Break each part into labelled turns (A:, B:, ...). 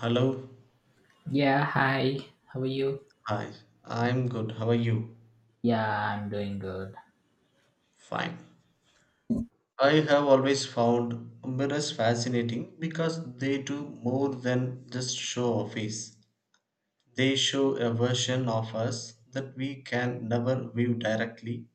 A: Hello.
B: Yeah, hi. How are you?
A: Hi. I'm good. How are you?
B: Yeah, I'm doing good.
A: Fine. I have always found mirrors fascinating because they do more than just show a face. They show a version of us that we can never view directly.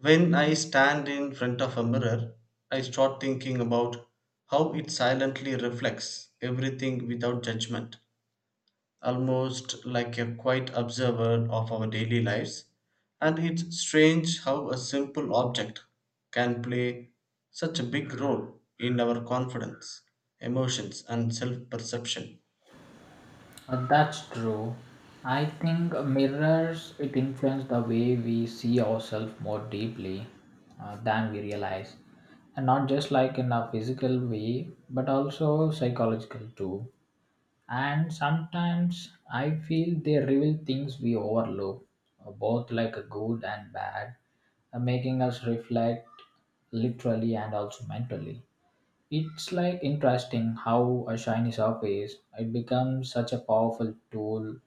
A: When I stand in front of a mirror, I start thinking about how it silently reflects everything without judgment, almost like a quiet observer of our daily lives. And it's strange how a simple object can play such a big role in our confidence, emotions, and self perception.
B: That's true. I think mirrors it influence the way we see ourselves more deeply than we realize, and not just like in a physical way, but also psychological too. And sometimes I feel they reveal things we overlook, both like a good and bad, making us reflect literally and also mentally. It's like interesting how a shiny surface it becomes such a powerful tool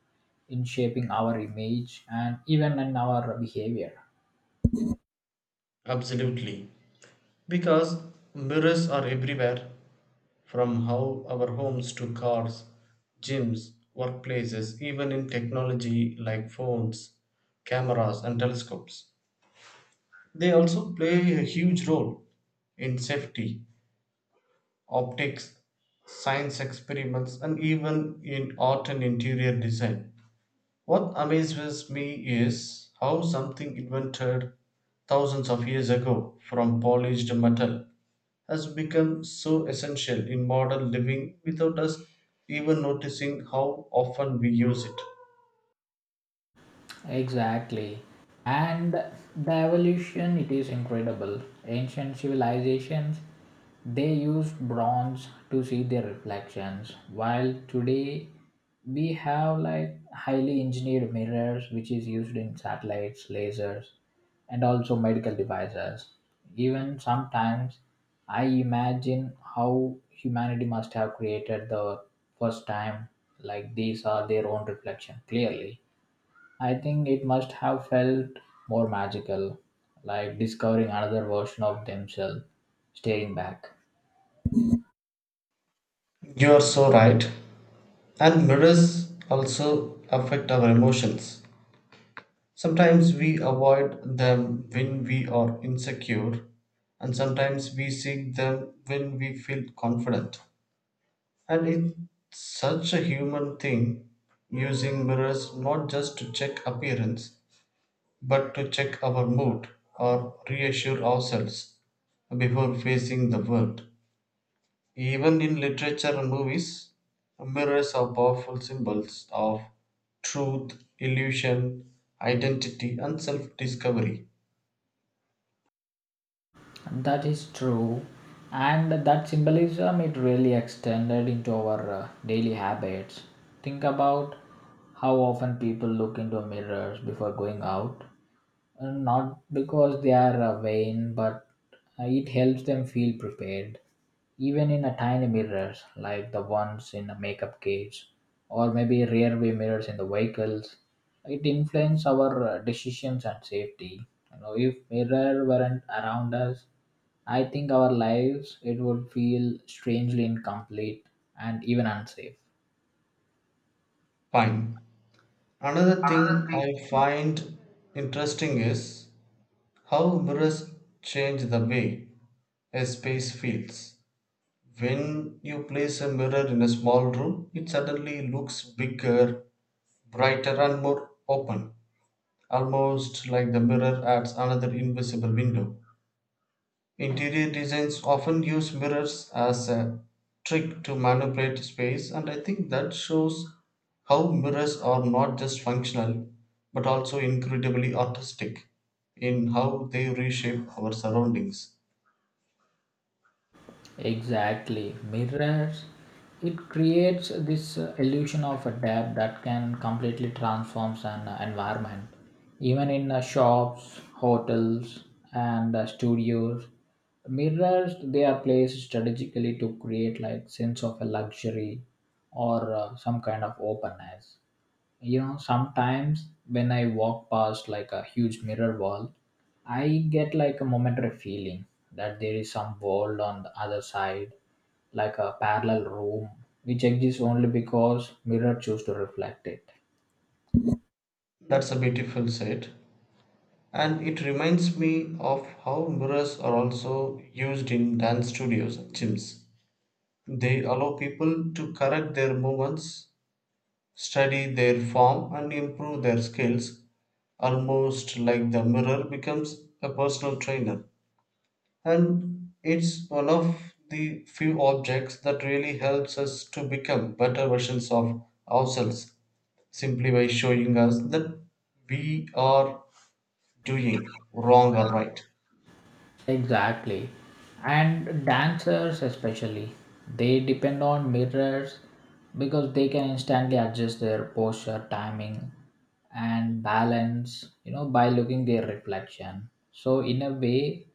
B: in shaping our image and even in our behavior.
A: Absolutely. Because mirrors are everywhere, from how our homes to cars, gyms, workplaces, even in technology like phones, cameras, and telescopes. They also play a huge role in safety, optics, science experiments, and even in art and interior design. What amazes me is how something invented thousands of years ago from polished metal has become so essential in modern living without us even noticing how often we use it.
B: Exactly. And the evolution, it is incredible. Ancient civilizations, they used bronze to see their reflections, while today we have like highly engineered mirrors, which is used in satellites, lasers, and also medical devices. Even sometimes I imagine how humanity must have created the first time, like these are their own reflection clearly. I think it must have felt more magical, like discovering another version of themselves staring back.
A: You are so right. And mirrors also affect our emotions. Sometimes we avoid them when we are insecure, and sometimes we seek them when we feel confident. And it's such a human thing using mirrors not just to check appearance, but to check our mood or reassure ourselves before facing the world. Even in literature and movies, mirrors are powerful symbols of truth, illusion, identity, and self discovery.
B: That is true, and that symbolism it really extended into our daily habits. Think about how often people look into mirrors before going out, not because they are vain, but it helps them feel prepared, even in a tiny mirrors like the ones in a makeup case, or maybe rear view mirrors in the vehicles. It influences our decisions and safety. You know, if mirror weren't around us, I think our lives it would feel strangely incomplete and even unsafe.
A: Fine. Another thing I find interesting is how mirrors change the way a space feels. When you place a mirror in a small room, it suddenly looks bigger, brighter, and more open, almost like the mirror adds another invisible window. Interior designs often use mirrors as a trick to manipulate space, and I think that shows how mirrors are not just functional but also incredibly artistic in how they reshape our surroundings.
B: Exactly. Mirrors, it creates this illusion of a depth that can completely transform an environment. Even in shops, hotels, and studios, mirrors they are placed strategically to create like sense of a luxury or some kind of openness. You know, sometimes when I walk past like a huge mirror wall, I get like a momentary feeling that there is some world on the other side, like a parallel room which exists only because mirror choose to reflect it.
A: That's a beautiful set, and it reminds me of how mirrors are also used in dance studios and gyms. They allow people to correct their movements, study their form, and improve their skills, almost like the mirror becomes a personal trainer, and it's one of the few objects that really helps us to become better versions of ourselves, simply by showing us that we are doing wrong or right.
B: Exactly. And dancers, especially, they depend on mirrors because they can instantly adjust their posture, timing, and balance, you know, by looking their reflection. So, in a way,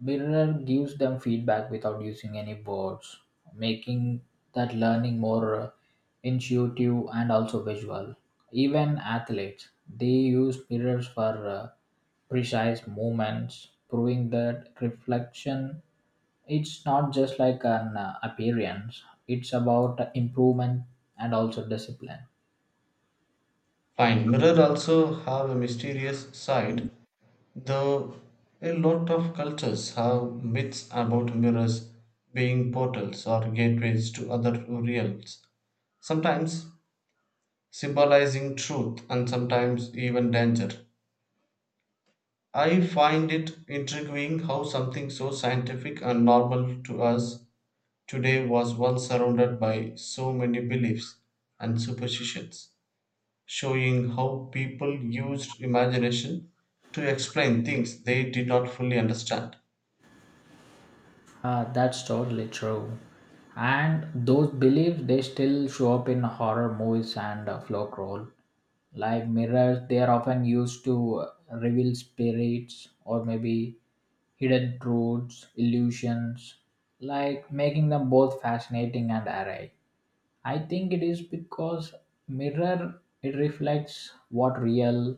B: mirror gives them feedback without using any words, making that learning more intuitive and also visual. Even athletes, they use mirrors for. Precise movements, proving that reflection it's not just like an appearance, it's about improvement and also discipline.
A: Fine. Mirror also have a mysterious side, though. A lot of cultures have myths about mirrors being portals or gateways to other realms, sometimes symbolizing truth and sometimes even danger. I find it intriguing how something so scientific and normal to us today was once surrounded by so many beliefs and superstitions, showing how people used imagination to explain things they did not fully understand.
B: That's totally true. And those beliefs they still show up in horror movies and folk role. Like mirrors, they are often used to reveal spirits or maybe hidden truths, illusions, like making them both fascinating and array. I think it is because mirror it reflects what real,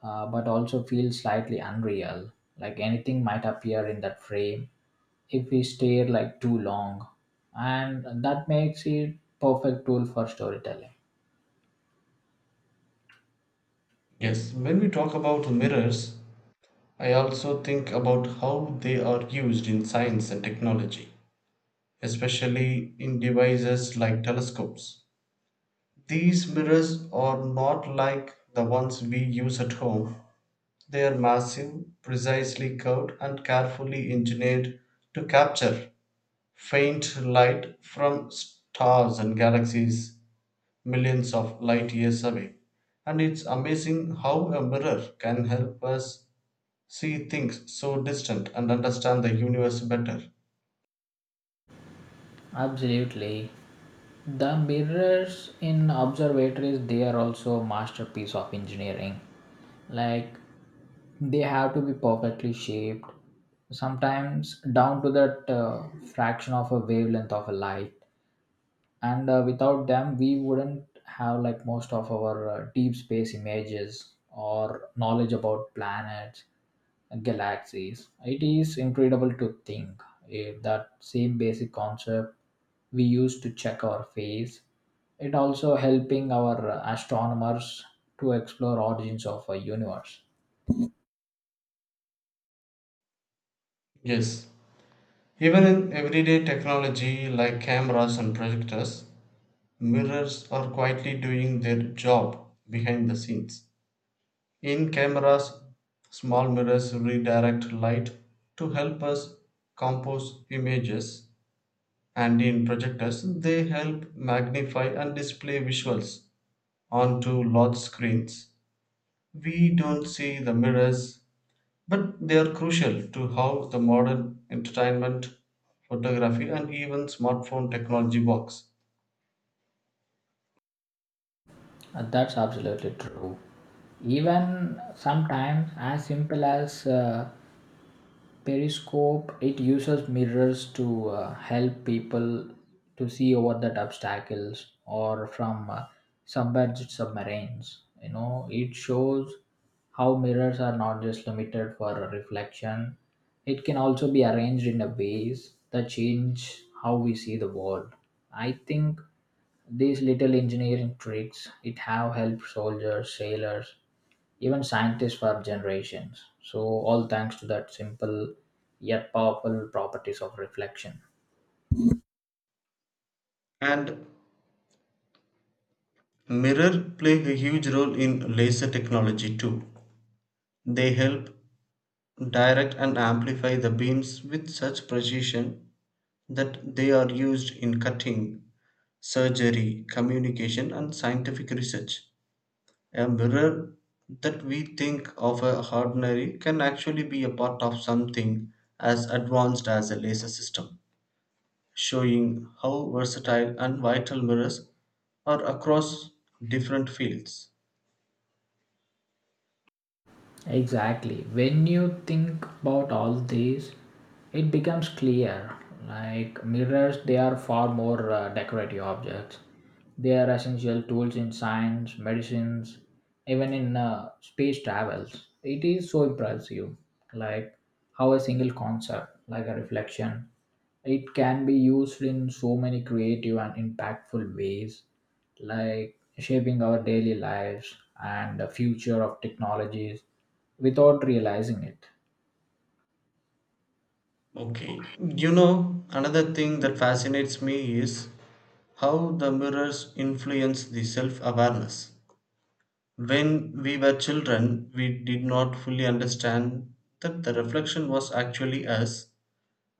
B: but also feels slightly unreal. Like anything might appear in that frame if we stare like too long, and that makes it perfect tool for storytelling.
A: Yes, when we talk about mirrors, I also think about how they are used in science and technology, especially in devices like telescopes. These mirrors are not like the ones we use at home. They are massive, precisely curved, and carefully engineered to capture faint light from stars and galaxies millions of light years away. And it's amazing how a mirror can help us see things so distant and understand the universe better.
B: Absolutely. The mirrors in observatories they are also masterpiece of engineering. Like they have to be perfectly shaped, sometimes down to that fraction of a wavelength of a light, and without them we wouldn't have like most of our deep space images or knowledge about planets and galaxies. It is incredible to think if that same basic concept we use to check our face it also helping our astronomers to explore origins of a universe.
A: Yes, even in everyday technology like cameras and projectors, mirrors are quietly doing their job behind the scenes. In cameras, small mirrors redirect light to help us compose images, and in projectors, they help magnify and display visuals onto large screens. We don't see the mirrors, but they are crucial to how the modern entertainment, photography, and even smartphone technology works.
B: And that's absolutely true, even sometimes as simple as periscope, it uses mirrors to help people to see over that obstacles or from submerged submarines. You know, it shows how mirrors are not just limited for a reflection. It can also be arranged in a ways that change how we see the world. I think these little engineering tricks it have helped soldiers, sailors, even scientists for generations. So, all thanks to that simple yet powerful properties of reflection.
A: And mirror play a huge role in laser technology too. They help direct and amplify the beams with such precision that they are used in cutting, surgery, communication, and scientific research. A mirror that we think of as ordinary can actually be a part of something as advanced as a laser system, showing how versatile and vital mirrors are across different fields.
B: Exactly. When you think about all these, it becomes clear like mirrors, they are far more decorative objects. They are essential tools in science, medicines, even in space travels. It is so impressive, like how a single concept, like a reflection, it can be used in so many creative and impactful ways, like shaping our daily lives and the future of technologies without realizing it.
A: Okay. You know, another thing that fascinates me is how the mirrors influence the self awareness. When we were children, we did not fully understand that the reflection was actually us.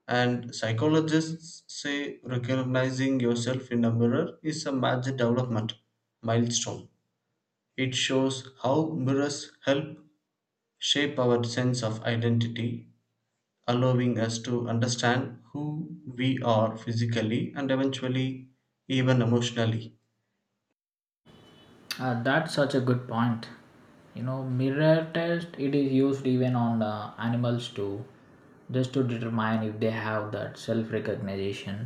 A: And psychologists say recognizing yourself in a mirror is a major development milestone. It shows how mirrors help shape our sense of identity, allowing us to understand who we are physically and eventually even emotionally.
B: That's such a good point. You know, mirror test it is used even on animals too, just to determine if they have that self recognition.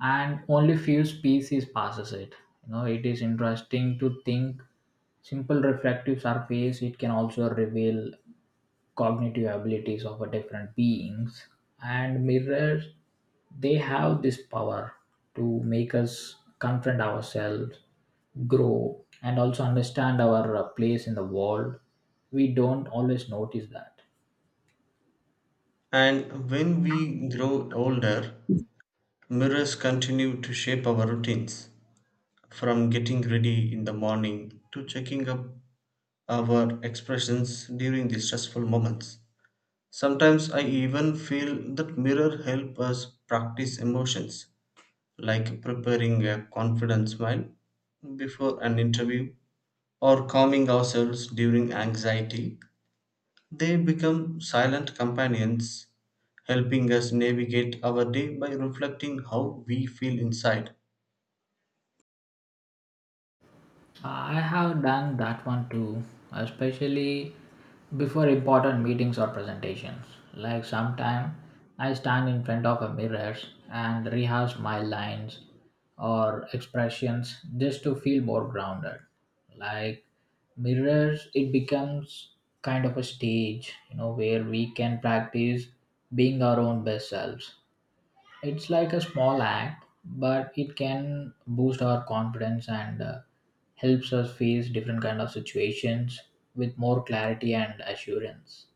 B: And only few species passes it. You know, it is interesting to think simple reflective surface it can also reveal cognitive abilities of a different beings, and mirrors, they have this power to make us confront ourselves, grow, and also understand our place in the world. We don't always notice that.
A: And when we grow older, mirrors continue to shape our routines, from getting ready in the morning to checking up our expressions during the stressful moments. Sometimes I even feel that mirror help us practice emotions, like preparing a confident smile before an interview or calming ourselves during anxiety. They become silent companions, helping us navigate our day by reflecting how we feel inside.
B: I have done that one too, especially before important meetings or presentations. Like sometime I stand in front of a mirror and rehearse my lines or expressions just to feel more grounded. Like mirrors, it becomes kind of a stage, you know, where we can practice being our own best selves. It's like a small act, but it can boost our confidence and helps us face different kind of situations with more clarity and assurance.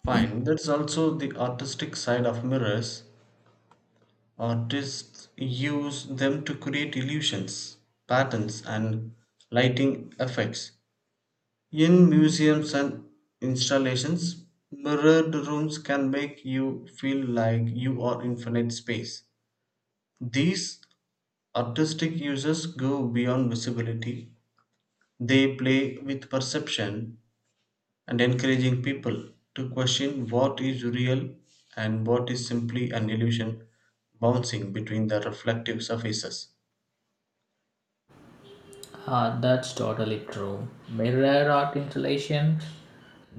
A: Fine, that's also the artistic side of mirrors. Artists use them to create illusions, patterns, and lighting effects. In museums and installations, mirrored rooms can make you feel like you are infinite space. These artistic uses go beyond visibility. They play with perception and encouraging people to question what is real and what is simply an illusion bouncing between the reflective surfaces.
B: Ah, that's totally true. Mirror art installations,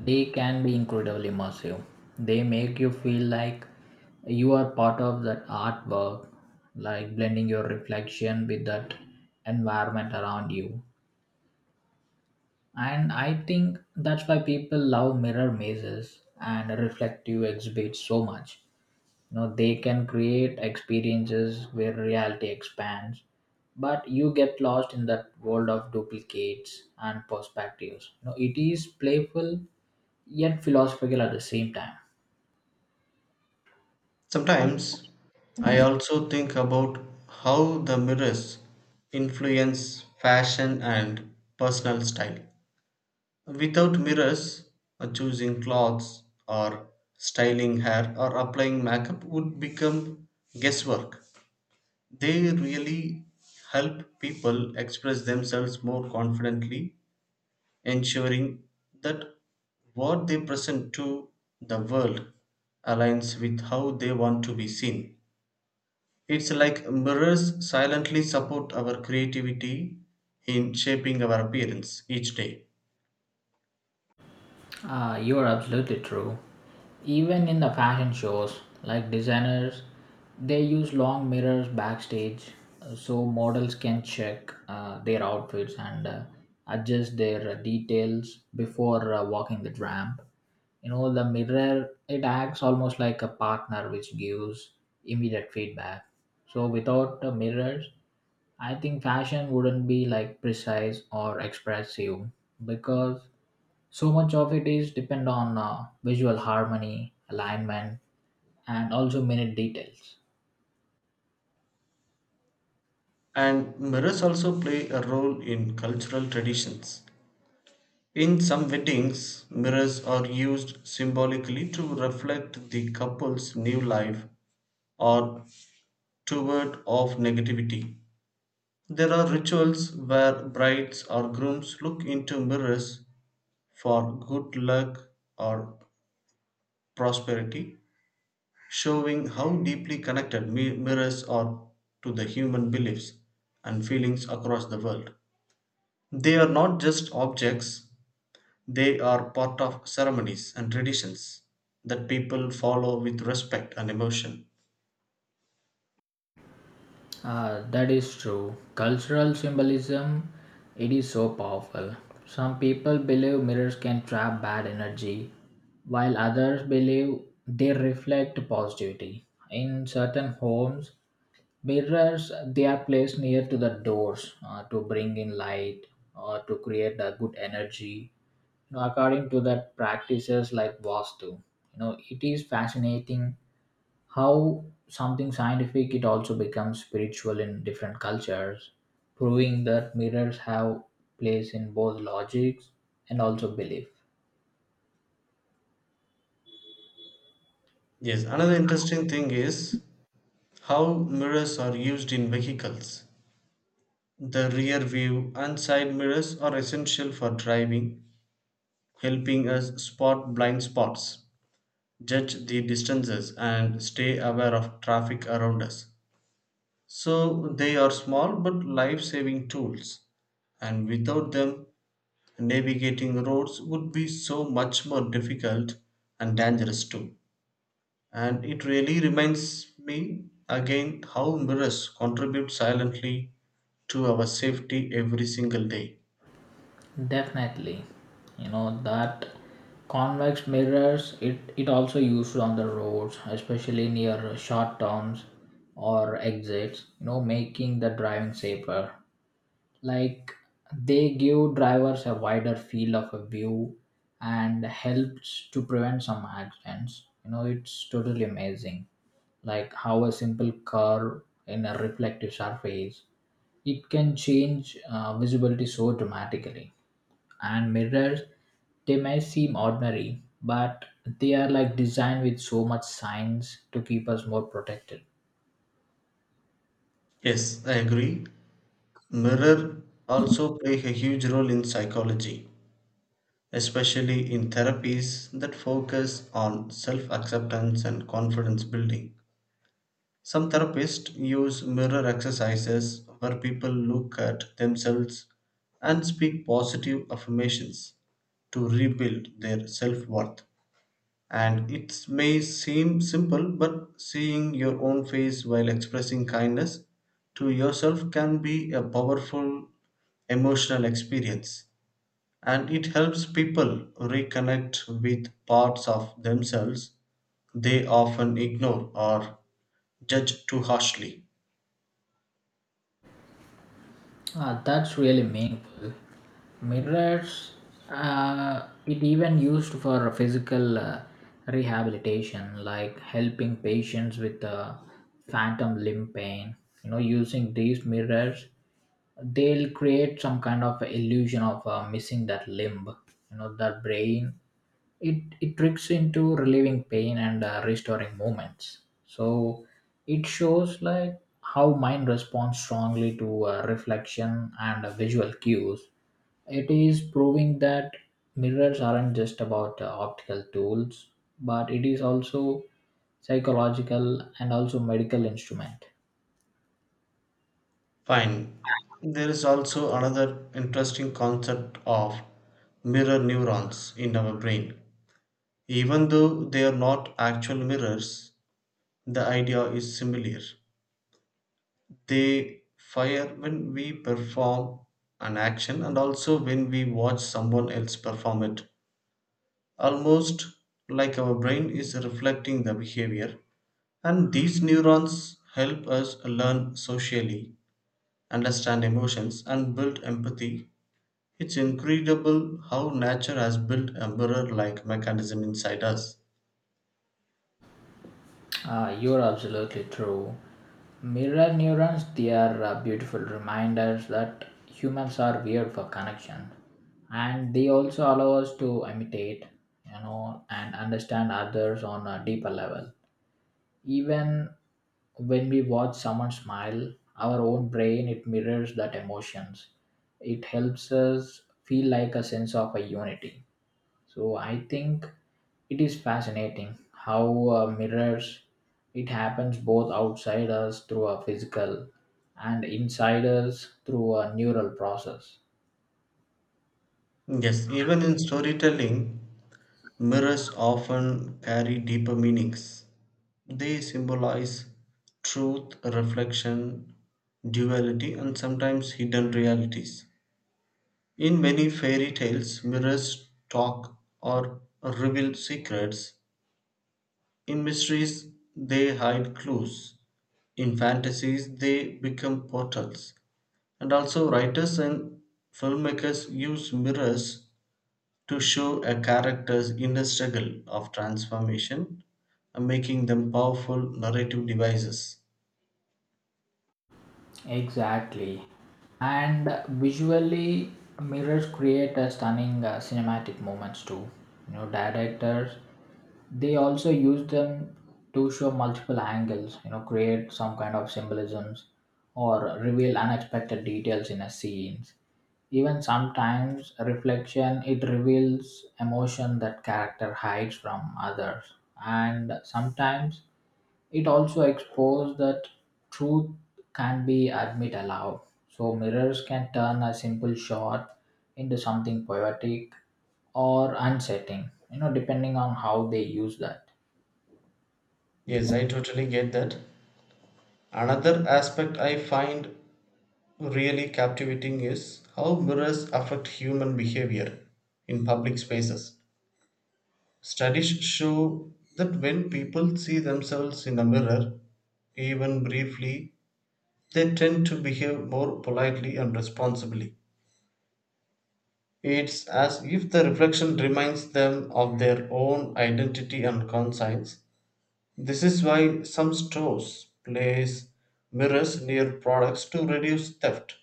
B: they can be incredibly immersive. They make you feel like you are part of that artwork, like blending your reflection with that environment around you. And I think that's why people love mirror mazes and reflective exhibits so much. You know, they can create experiences where reality expands, but you get lost in that world of duplicates and perspectives. You know, it is playful yet philosophical at the same time.
A: Sometimes I also think about how the mirrors influence fashion and personal style. Without mirrors, choosing clothes or styling hair or applying makeup would become guesswork. They really help people express themselves more confidently, ensuring that what they present to the world aligns with how they want to be seen. It's like mirrors silently support our creativity in shaping our appearance each day.
B: Ah, you're absolutely true. Even in the fashion shows, like designers, they use long mirrors backstage so models can check their outfits and adjust their details before walking the ramp. You know, the mirror, it acts almost like a partner which gives immediate feedback. So, without the mirrors, I think fashion wouldn't be like precise or expressive because so much of it is depend on visual harmony alignment and also minute details.
A: And mirrors also play a role in cultural traditions. In some weddings, mirrors are used symbolically to reflect the couple's new life or toward of negativity. There are rituals where brides or grooms look into mirrors for good luck or prosperity, showing how deeply connected mirrors are to the human beliefs and feelings across the world. They are not just objects, they are part of ceremonies and traditions that people follow with respect and emotion.
B: That is true. Cultural symbolism, it is so powerful. Some people believe mirrors can trap bad energy, while others believe they reflect positivity. In certain homes mirrors they are placed near to the doors to bring in light or to create a good energy according to that practices like vastu. You know, it is fascinating how something scientific it also becomes spiritual in different cultures, proving that mirrors have place in both logics and also belief.
A: Yes, another interesting thing is how mirrors are used in vehicles. The rear view and side mirrors are essential for driving, helping us spot blind spots, judge the distances, and stay aware of traffic around us. So they are small but life saving tools, and without them, navigating roads would be so much more difficult and dangerous too. And it really reminds me again how mirrors contribute silently to our safety every single day.
B: Definitely. You know that convex mirrors it also used on the roads, especially near short turns or exits, you know, making the driving safer. Like, they give drivers a wider field of a view and helps to prevent some accidents. You know, it's totally amazing, like how a simple curve in a reflective surface it can change visibility so dramatically. And mirrors, they may seem ordinary, but they are like designed with so much science to keep us more protected.
A: Yes, I agree. Mirror also play a huge role in psychology, especially in therapies that focus on self acceptance and confidence building. Some therapists use mirror exercises where people look at themselves and speak positive affirmations to rebuild their self worth. And it may seem simple, but seeing your own face while expressing kindness to yourself can be a powerful emotional experience, and it helps people reconnect with parts of themselves they often ignore or judge too harshly.
B: Ah, that's really meaningful. Mirrors, it even used for physical rehabilitation, like helping patients with phantom limb pain. You know, using these mirrors, they'll create some kind of illusion of missing that limb. You know, that brain it tricks into relieving pain and restoring movements. So it shows like how mind responds strongly to reflection and visual cues. It is proving that mirrors aren't just about optical tools, but it is also psychological and also medical instrument.
A: Fine. There is also another interesting concept of mirror neurons in our brain. Even though they are not actual mirrors, the idea is similar. They fire when we perform an action and also when we watch someone else perform it, almost like our brain is reflecting the behavior. And these neurons help us learn socially, understand emotions, and build empathy. It's incredible how nature has built a mirror like mechanism inside us.
B: Ah, you're absolutely true. Mirror neurons, they are beautiful reminders that humans are weird for connection. And they also allow us to imitate, you know, and understand others on a deeper level. Even when we watch someone smile, our own brain, it mirrors that emotions. It helps us feel like a sense of a unity. So I think it is fascinating how mirrors it happens both outside us through a physical and inside us through a neural process.
A: Yes, even in storytelling, mirrors often carry deeper meanings. They symbolize truth, reflection, duality, and sometimes hidden realities. In many fairy tales, mirrors talk or reveal secrets; in mysteries, they hide clues; in fantasies, they become portals. And also, writers and filmmakers use mirrors to show a character's inner struggle of transformation, making them powerful narrative devices.
B: Exactly. And visually, mirrors create a stunning cinematic moments too. You know, directors they also use them to show multiple angles. You know, create some kind of symbolisms or reveal unexpected details in a scenes. Even sometimes reflection it reveals emotion that character hides from others, and sometimes it also exposes that truth can be admit aloud. So mirrors can turn a simple shot into something poetic or unsettling, you know, depending on how they use that.
A: Yes, I totally get that. Another aspect I find really captivating is how mirrors affect human behavior in public spaces. Studies show that when people see themselves in a mirror, even briefly, they tend to behave more politely and responsibly. It's as if the reflection reminds them of their own identity and conscience. This is why some stores place mirrors near products to reduce theft.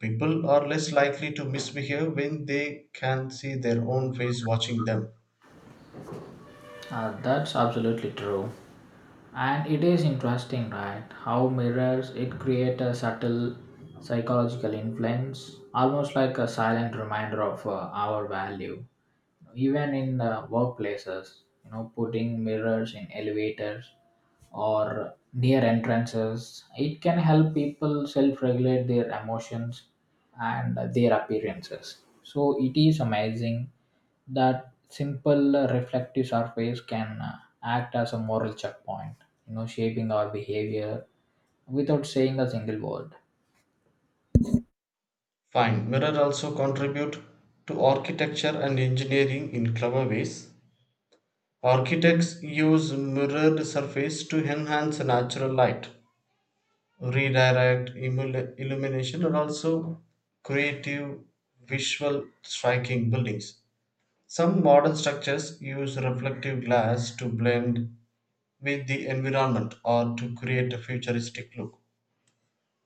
A: People are less likely to misbehave when they can see their own face watching them.
B: That's absolutely true. And it is interesting, right? How mirrors it create a subtle psychological influence, almost like a silent reminder of our value. Even in workplaces, you know, putting mirrors in elevators or near entrances. It can help people self regulate their emotions and their appearances. So it is amazing that simple reflective surface can act as a moral checkpoint, you know, shaping our behavior without saying a single word.
A: Fine. Mirrors also contribute to architecture and engineering in clever ways. Architects use mirrored surface to enhance natural light, redirect illumination, and also creative visual striking buildings. Some modern structures use reflective glass to blend with the environment or to create a futuristic look.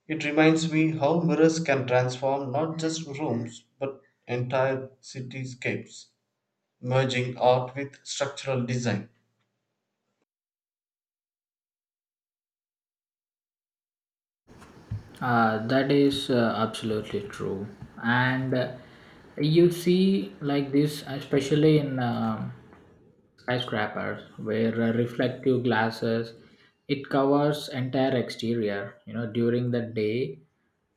A: It reminds me how mirrors can transform not just rooms but entire cityscapes, merging art with structural design.
B: That is absolutely true. And you see, like this, especially in skyscrapers, where reflective glasses it covers entire exterior. You know, during the day,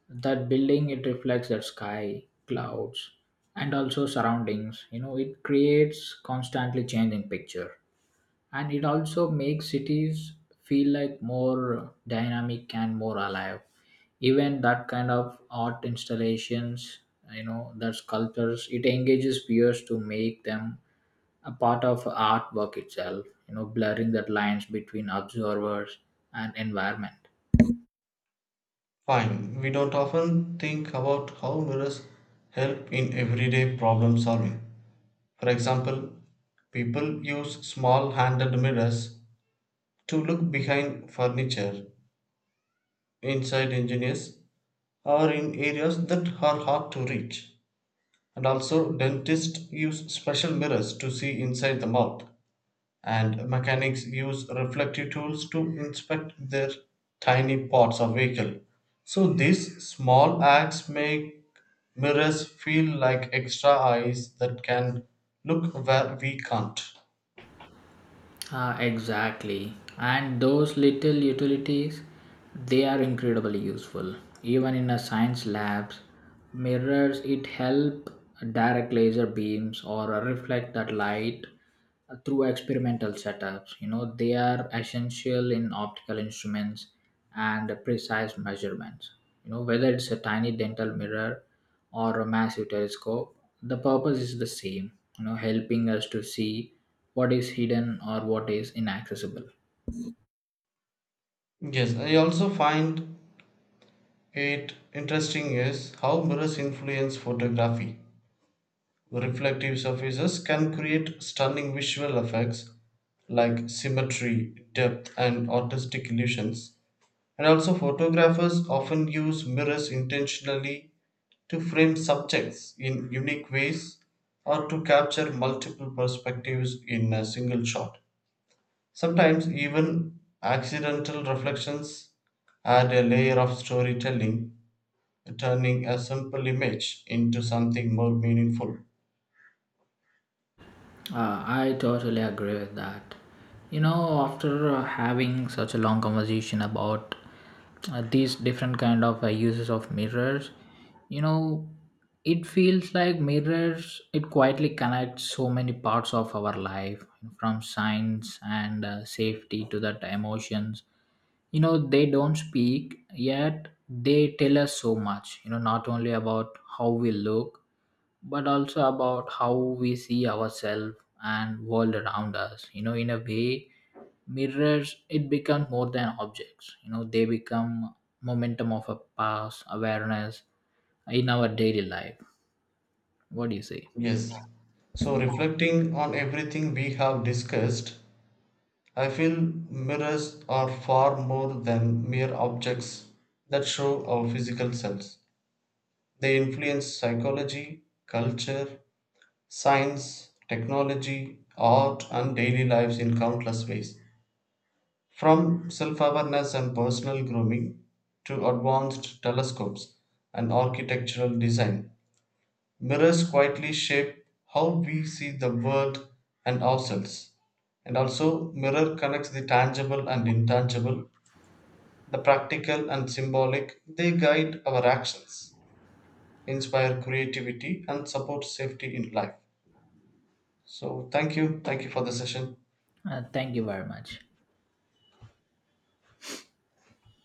B: that building it reflects that sky, clouds, and also surroundings. You know, it creates constantly changing picture and it also makes cities feel like more dynamic and more alive. Even that kind of art installations, you know that sculptures it engages viewers to make them a part of artwork itself, you know, blurring that lines between observers and environment.
A: Fine, we don't often think about how mirrors help in everyday problem solving. For example, people use small handed mirrors to look behind furniture, inside engineers, or in areas that are hard to reach. And also, dentists use special mirrors to see inside the mouth and mechanics use reflective tools to inspect their tiny parts of vehicle, so these small acts make mirrors feel like extra eyes that can look where we can't.
B: Ah, exactly. And those little utilities, they are incredibly useful. Even in a science labs, mirrors it help direct laser beams or reflect that light through experimental setups. You know, they are essential in optical instruments and precise measurements. You know, whether it's a tiny dental mirror or a massive telescope, the purpose is the same. You know, helping us to see what is hidden or what is inaccessible.
A: Yes, I also find it interesting is how mirrors influence photography. Reflective surfaces can create stunning visual effects like symmetry, depth, and artistic illusions. And also, photographers often use mirrors intentionally to frame subjects in unique ways or to capture multiple perspectives in a single shot. Sometimes, even accidental reflections add a layer of storytelling, turning a simple image into something more meaningful.
B: I totally agree with that. You know, after having such a long conversation about these different kind of uses of mirrors, you know, it feels like mirrors. It quietly connects so many parts of our life, from science and safety to that emotions. You know, they don't speak yet they tell us so much. You know, not only about how we look, but also about how we see ourselves and world around us. You know, in a way mirrors it become more than objects. You know, they become momentum of a past awareness in our daily life. What do you say?
A: Yes. So, reflecting on everything we have discussed, I feel mirrors are far more than mere objects that show our physical selves. They influence psychology, culture, science, technology, art, and daily lives in countless ways. From self awareness and personal grooming to advanced telescopes and architectural design, mirrors quietly shape how we see the world and ourselves. And also, mirror connects the tangible and intangible, the practical and symbolic. They guide our actions, inspire creativity, and support safety in life. So, thank you. Thank you for the session.
B: Thank you very much.